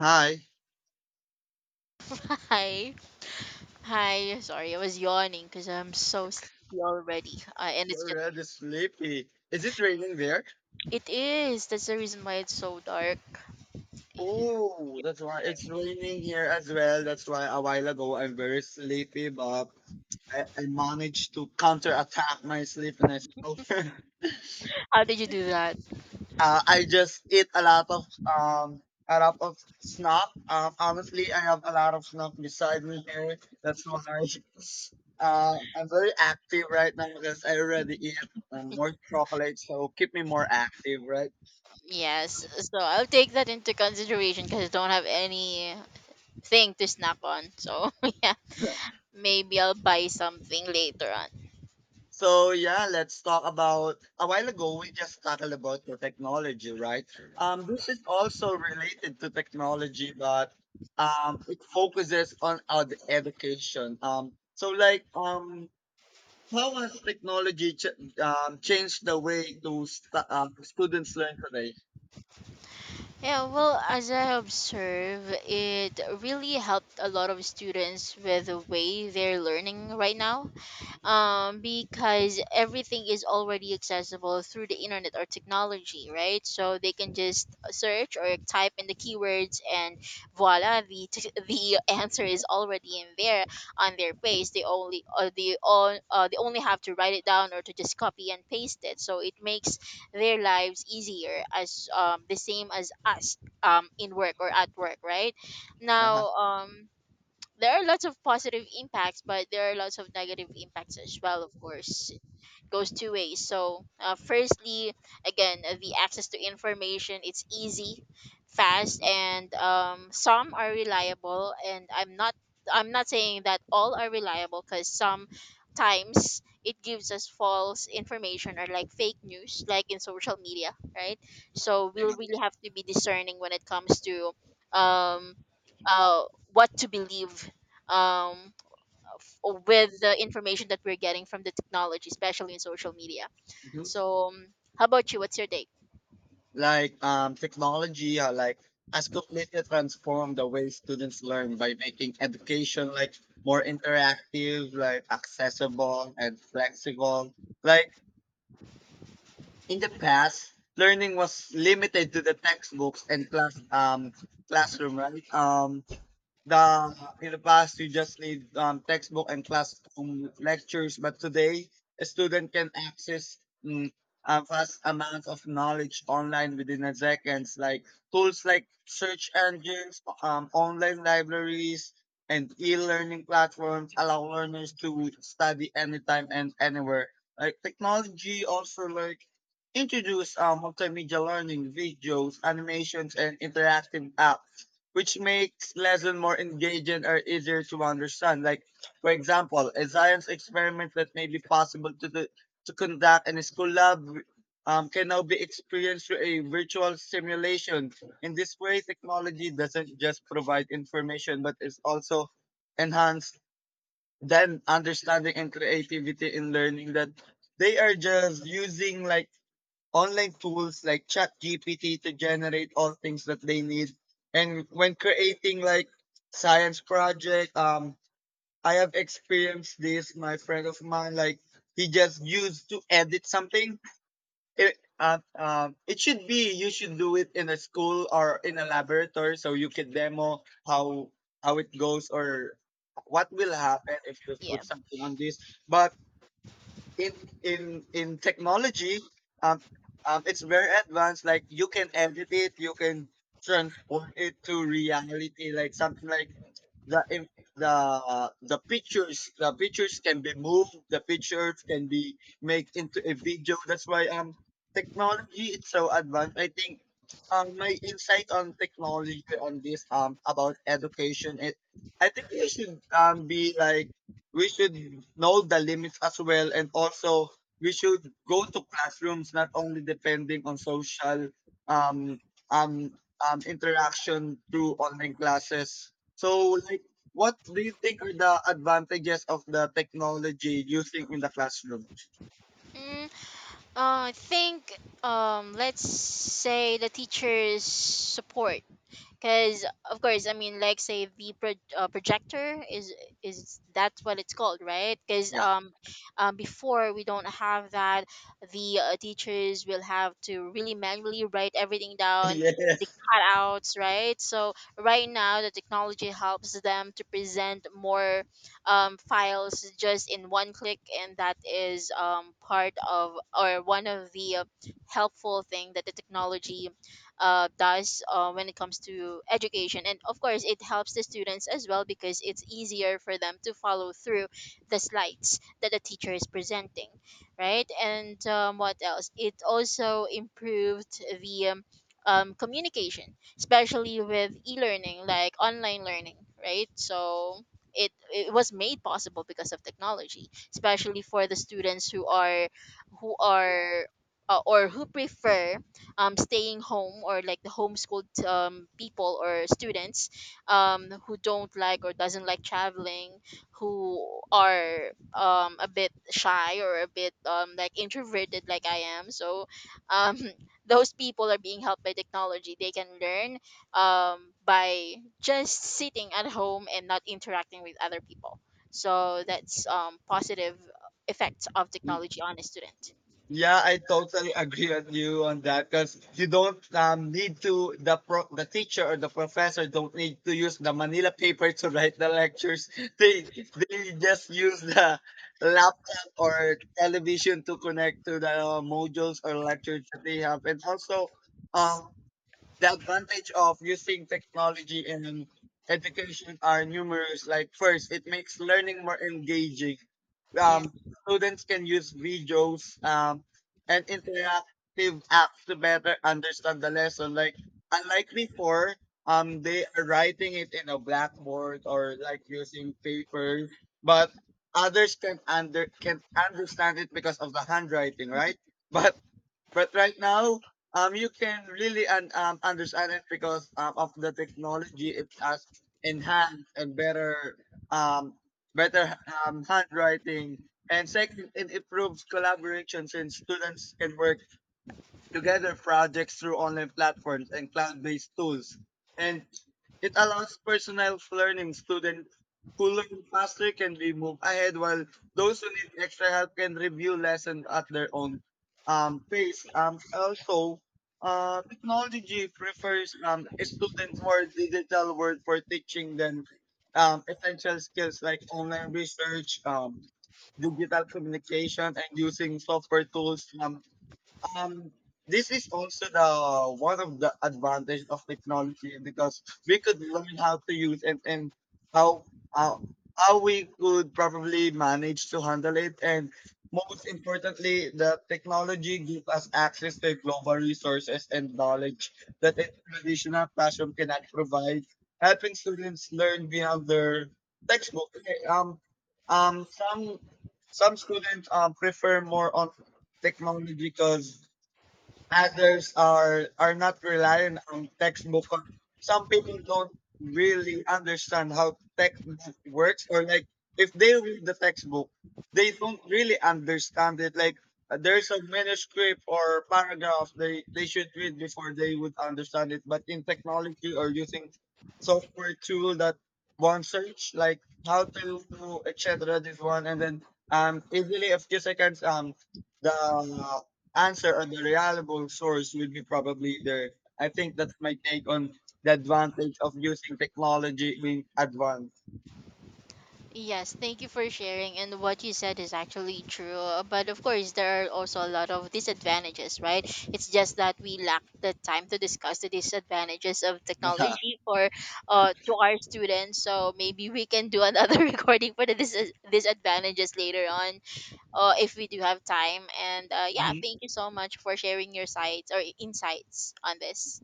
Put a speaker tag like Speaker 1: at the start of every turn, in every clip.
Speaker 1: Hi,
Speaker 2: Hi. Hi. Sorry, I was yawning because I'm so sleepy already. And it's
Speaker 1: you're
Speaker 2: just,
Speaker 1: really sleepy. Is it raining there?
Speaker 2: it is. That's the reason why it's so dark.
Speaker 1: Oh, that's why it's raining here as well. That's why a while ago I'm very sleepy, but I managed to counterattack my sleepiness. So, uh,
Speaker 2: How did you do that?
Speaker 1: I just eat a lot of snack. Honestly, I have a lot of snack beside me here. That's why I'm very active right now because I already eat more chocolate, so keep me more active, right?
Speaker 2: Yes. So I'll take that into consideration because I don't have anything to snack on. So, yeah. Maybe I'll buy something later on.
Speaker 1: So yeah, let's talk about a while ago we just talked about the technology, right? This is also related to technology, but it focuses on education. How has technology changed the way those students learn today?
Speaker 2: Yeah, well, as I observe, it really helped a lot of students with the way they're learning right now. Because everything is already accessible through the internet or technology, right? So they can just search or type in the keywords, and voila, the answer is already in there on their page. They only they only have to write it down or to just copy and paste it. So it makes their lives easier, as the same as us, in work or at work, right?
Speaker 1: Uh-huh.
Speaker 2: Now, there are lots of positive impacts, but there are lots of negative impacts as well, of course, goes two ways. So, firstly, again, the access to information, it's easy, fast, and some are reliable. And I'm not saying that all are reliable, because sometimes it gives us false information or like fake news, like in social media, right? So we'll really have to be discerning when it comes to, um, uh, what to believe um with the information that we're getting from the technology, especially in social media.
Speaker 1: Yeah.
Speaker 2: So, how about you? What's your take?
Speaker 1: Technology, like has completely transformed the way students learn by making education like more interactive, like accessible and flexible. Like in the past, learning was limited to the textbooks and classroom, right? The in the past you just need textbook and classroom lectures but today a student can access mm, a vast amount of knowledge online within a seconds like tools like search engines, online libraries and e-learning platforms allow learners to study anytime and anywhere. Like technology also like introduce multimedia learning videos, animations and interactive apps which makes lesson more engaging or easier to understand. Like, for example, a science experiment that may be possible to do, to conduct in a school lab can now be experienced through a virtual simulation. In this way, technology doesn't just provide information, but it's also enhanced then understanding and creativity in learning, that they are just using like online tools like ChatGPT to generate all things that they need. And when creating like science project, I have experienced this. My friend of mine, like he just used to edit something. It should be you should do it in a school or in a laboratory so you can demo how it goes or what will happen if you
Speaker 2: Yeah.
Speaker 1: put something on this. But in in in technology, um, it's very advanced. Like you can edit it, you can transform it to reality, like something like the in- the pictures, the pictures can be moved, the pictures can be made into a video. That's why technology is so advanced. I think my insight on technology on this about education, it, I think we should be like we should know the limits as well, and also we should go to classrooms not only depending on social um um interaction through online classes. So like, what do you think are the advantages of the technology using in the classroom?
Speaker 2: Mm, I think, let's say the teachers' support, because of course, I mean, like say the projector is, that's what it's called, right? because
Speaker 1: Yeah.
Speaker 2: um, um before we don't have that. The teachers will have to really manually write everything down, the
Speaker 1: Yes.
Speaker 2: cutouts, right? So right now the technology helps them to present more files just in one click, and that is, part of or one of the helpful thing that the technology does when it comes to education. And of course, it helps the students as well, because it's easier for them to follow through the slides that the teacher is presenting, right? And what else? It also improved the, communication, especially with e-learning, like online learning, right? So it was made possible because of technology, especially for the students who are, who are or who prefer staying home, or like the homeschooled people or students, who don't like or doesn't like traveling, who are, a bit shy or a bit, like introverted, like I am. So, um, those people are being helped by technology. They can learn by just sitting at home and not interacting with other people. So that's, positive effects of technology on a student.
Speaker 1: Yeah, I totally agree with you on that because you don't need to the the teacher or the professor don't need to use the Manila paper to write the lectures. They they just use the laptop or television to connect to the modules or lectures that they have, and also um, the advantage of using technology in education are numerous. Like first, it makes learning more engaging.
Speaker 2: Yeah.
Speaker 1: um, Students can use videos and interactive apps to better understand the lesson. Like unlike before, they are writing it in a blackboard or like using paper, but others can under can understand it because of the handwriting, right? But but right now, you can really understand it because of the technology. It has enhanced and better, um, better handwriting. And second, it improves collaboration since students can work together projects through online platforms and cloud-based tools. And it allows personalized learning. Students who learn faster can be moved ahead, while those who need extra help can review lessons at their own pace. Also, technology prefers a student more digital world for teaching than essential skills like online research, digital communication, and using software tools. Um this is also the one of the advantage of technology, because we could learn how to use it, and how how, how we could probably manage to handle it. And most importantly, the technology gives us access to global resources and knowledge that a traditional classroom cannot provide, helping students learn beyond their textbook. Okay, um some some students prefer more on technology because others are not reliant on textbook. Some people don't really understand how textbook works, or like if they read the textbook, they don't really understand it. Like there's a manuscript or paragraph they should read before they would understand it. But in technology or using software tool, that one search like how to do etc. This one, and then easily a few seconds, the answer on the reliable source would be probably there. I think that's my take on the advantage of using technology in advance.
Speaker 2: Yes, thank you for sharing. And what you said is actually true. But of course, there are also a lot of disadvantages, right? It's just that we lack the time to discuss the disadvantages of technology for, to our students. So maybe we can do another recording for the disadvantages later on, if we do have time. And yeah,
Speaker 1: Yeah.
Speaker 2: thank you so much for sharing your sights or insights on this.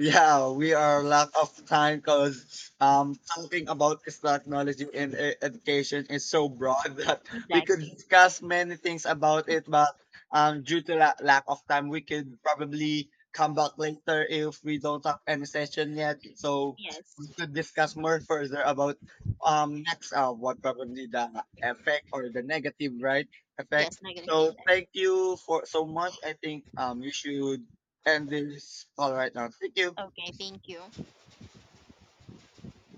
Speaker 1: Yeah, we are lack of time because talking about this technology and education is so broad that we could
Speaker 2: Exactly.
Speaker 1: discuss many things about it. But due to lack of time, we could probably come back later if we don't have any session yet. So
Speaker 2: Yes.
Speaker 1: we could discuss more further about next what probably the effect or the negative, right, effect.
Speaker 2: Yes, negative
Speaker 1: So
Speaker 2: impact.
Speaker 1: thank you for so much. I think you should end this call right now. Thank you.
Speaker 2: Okay, thank you.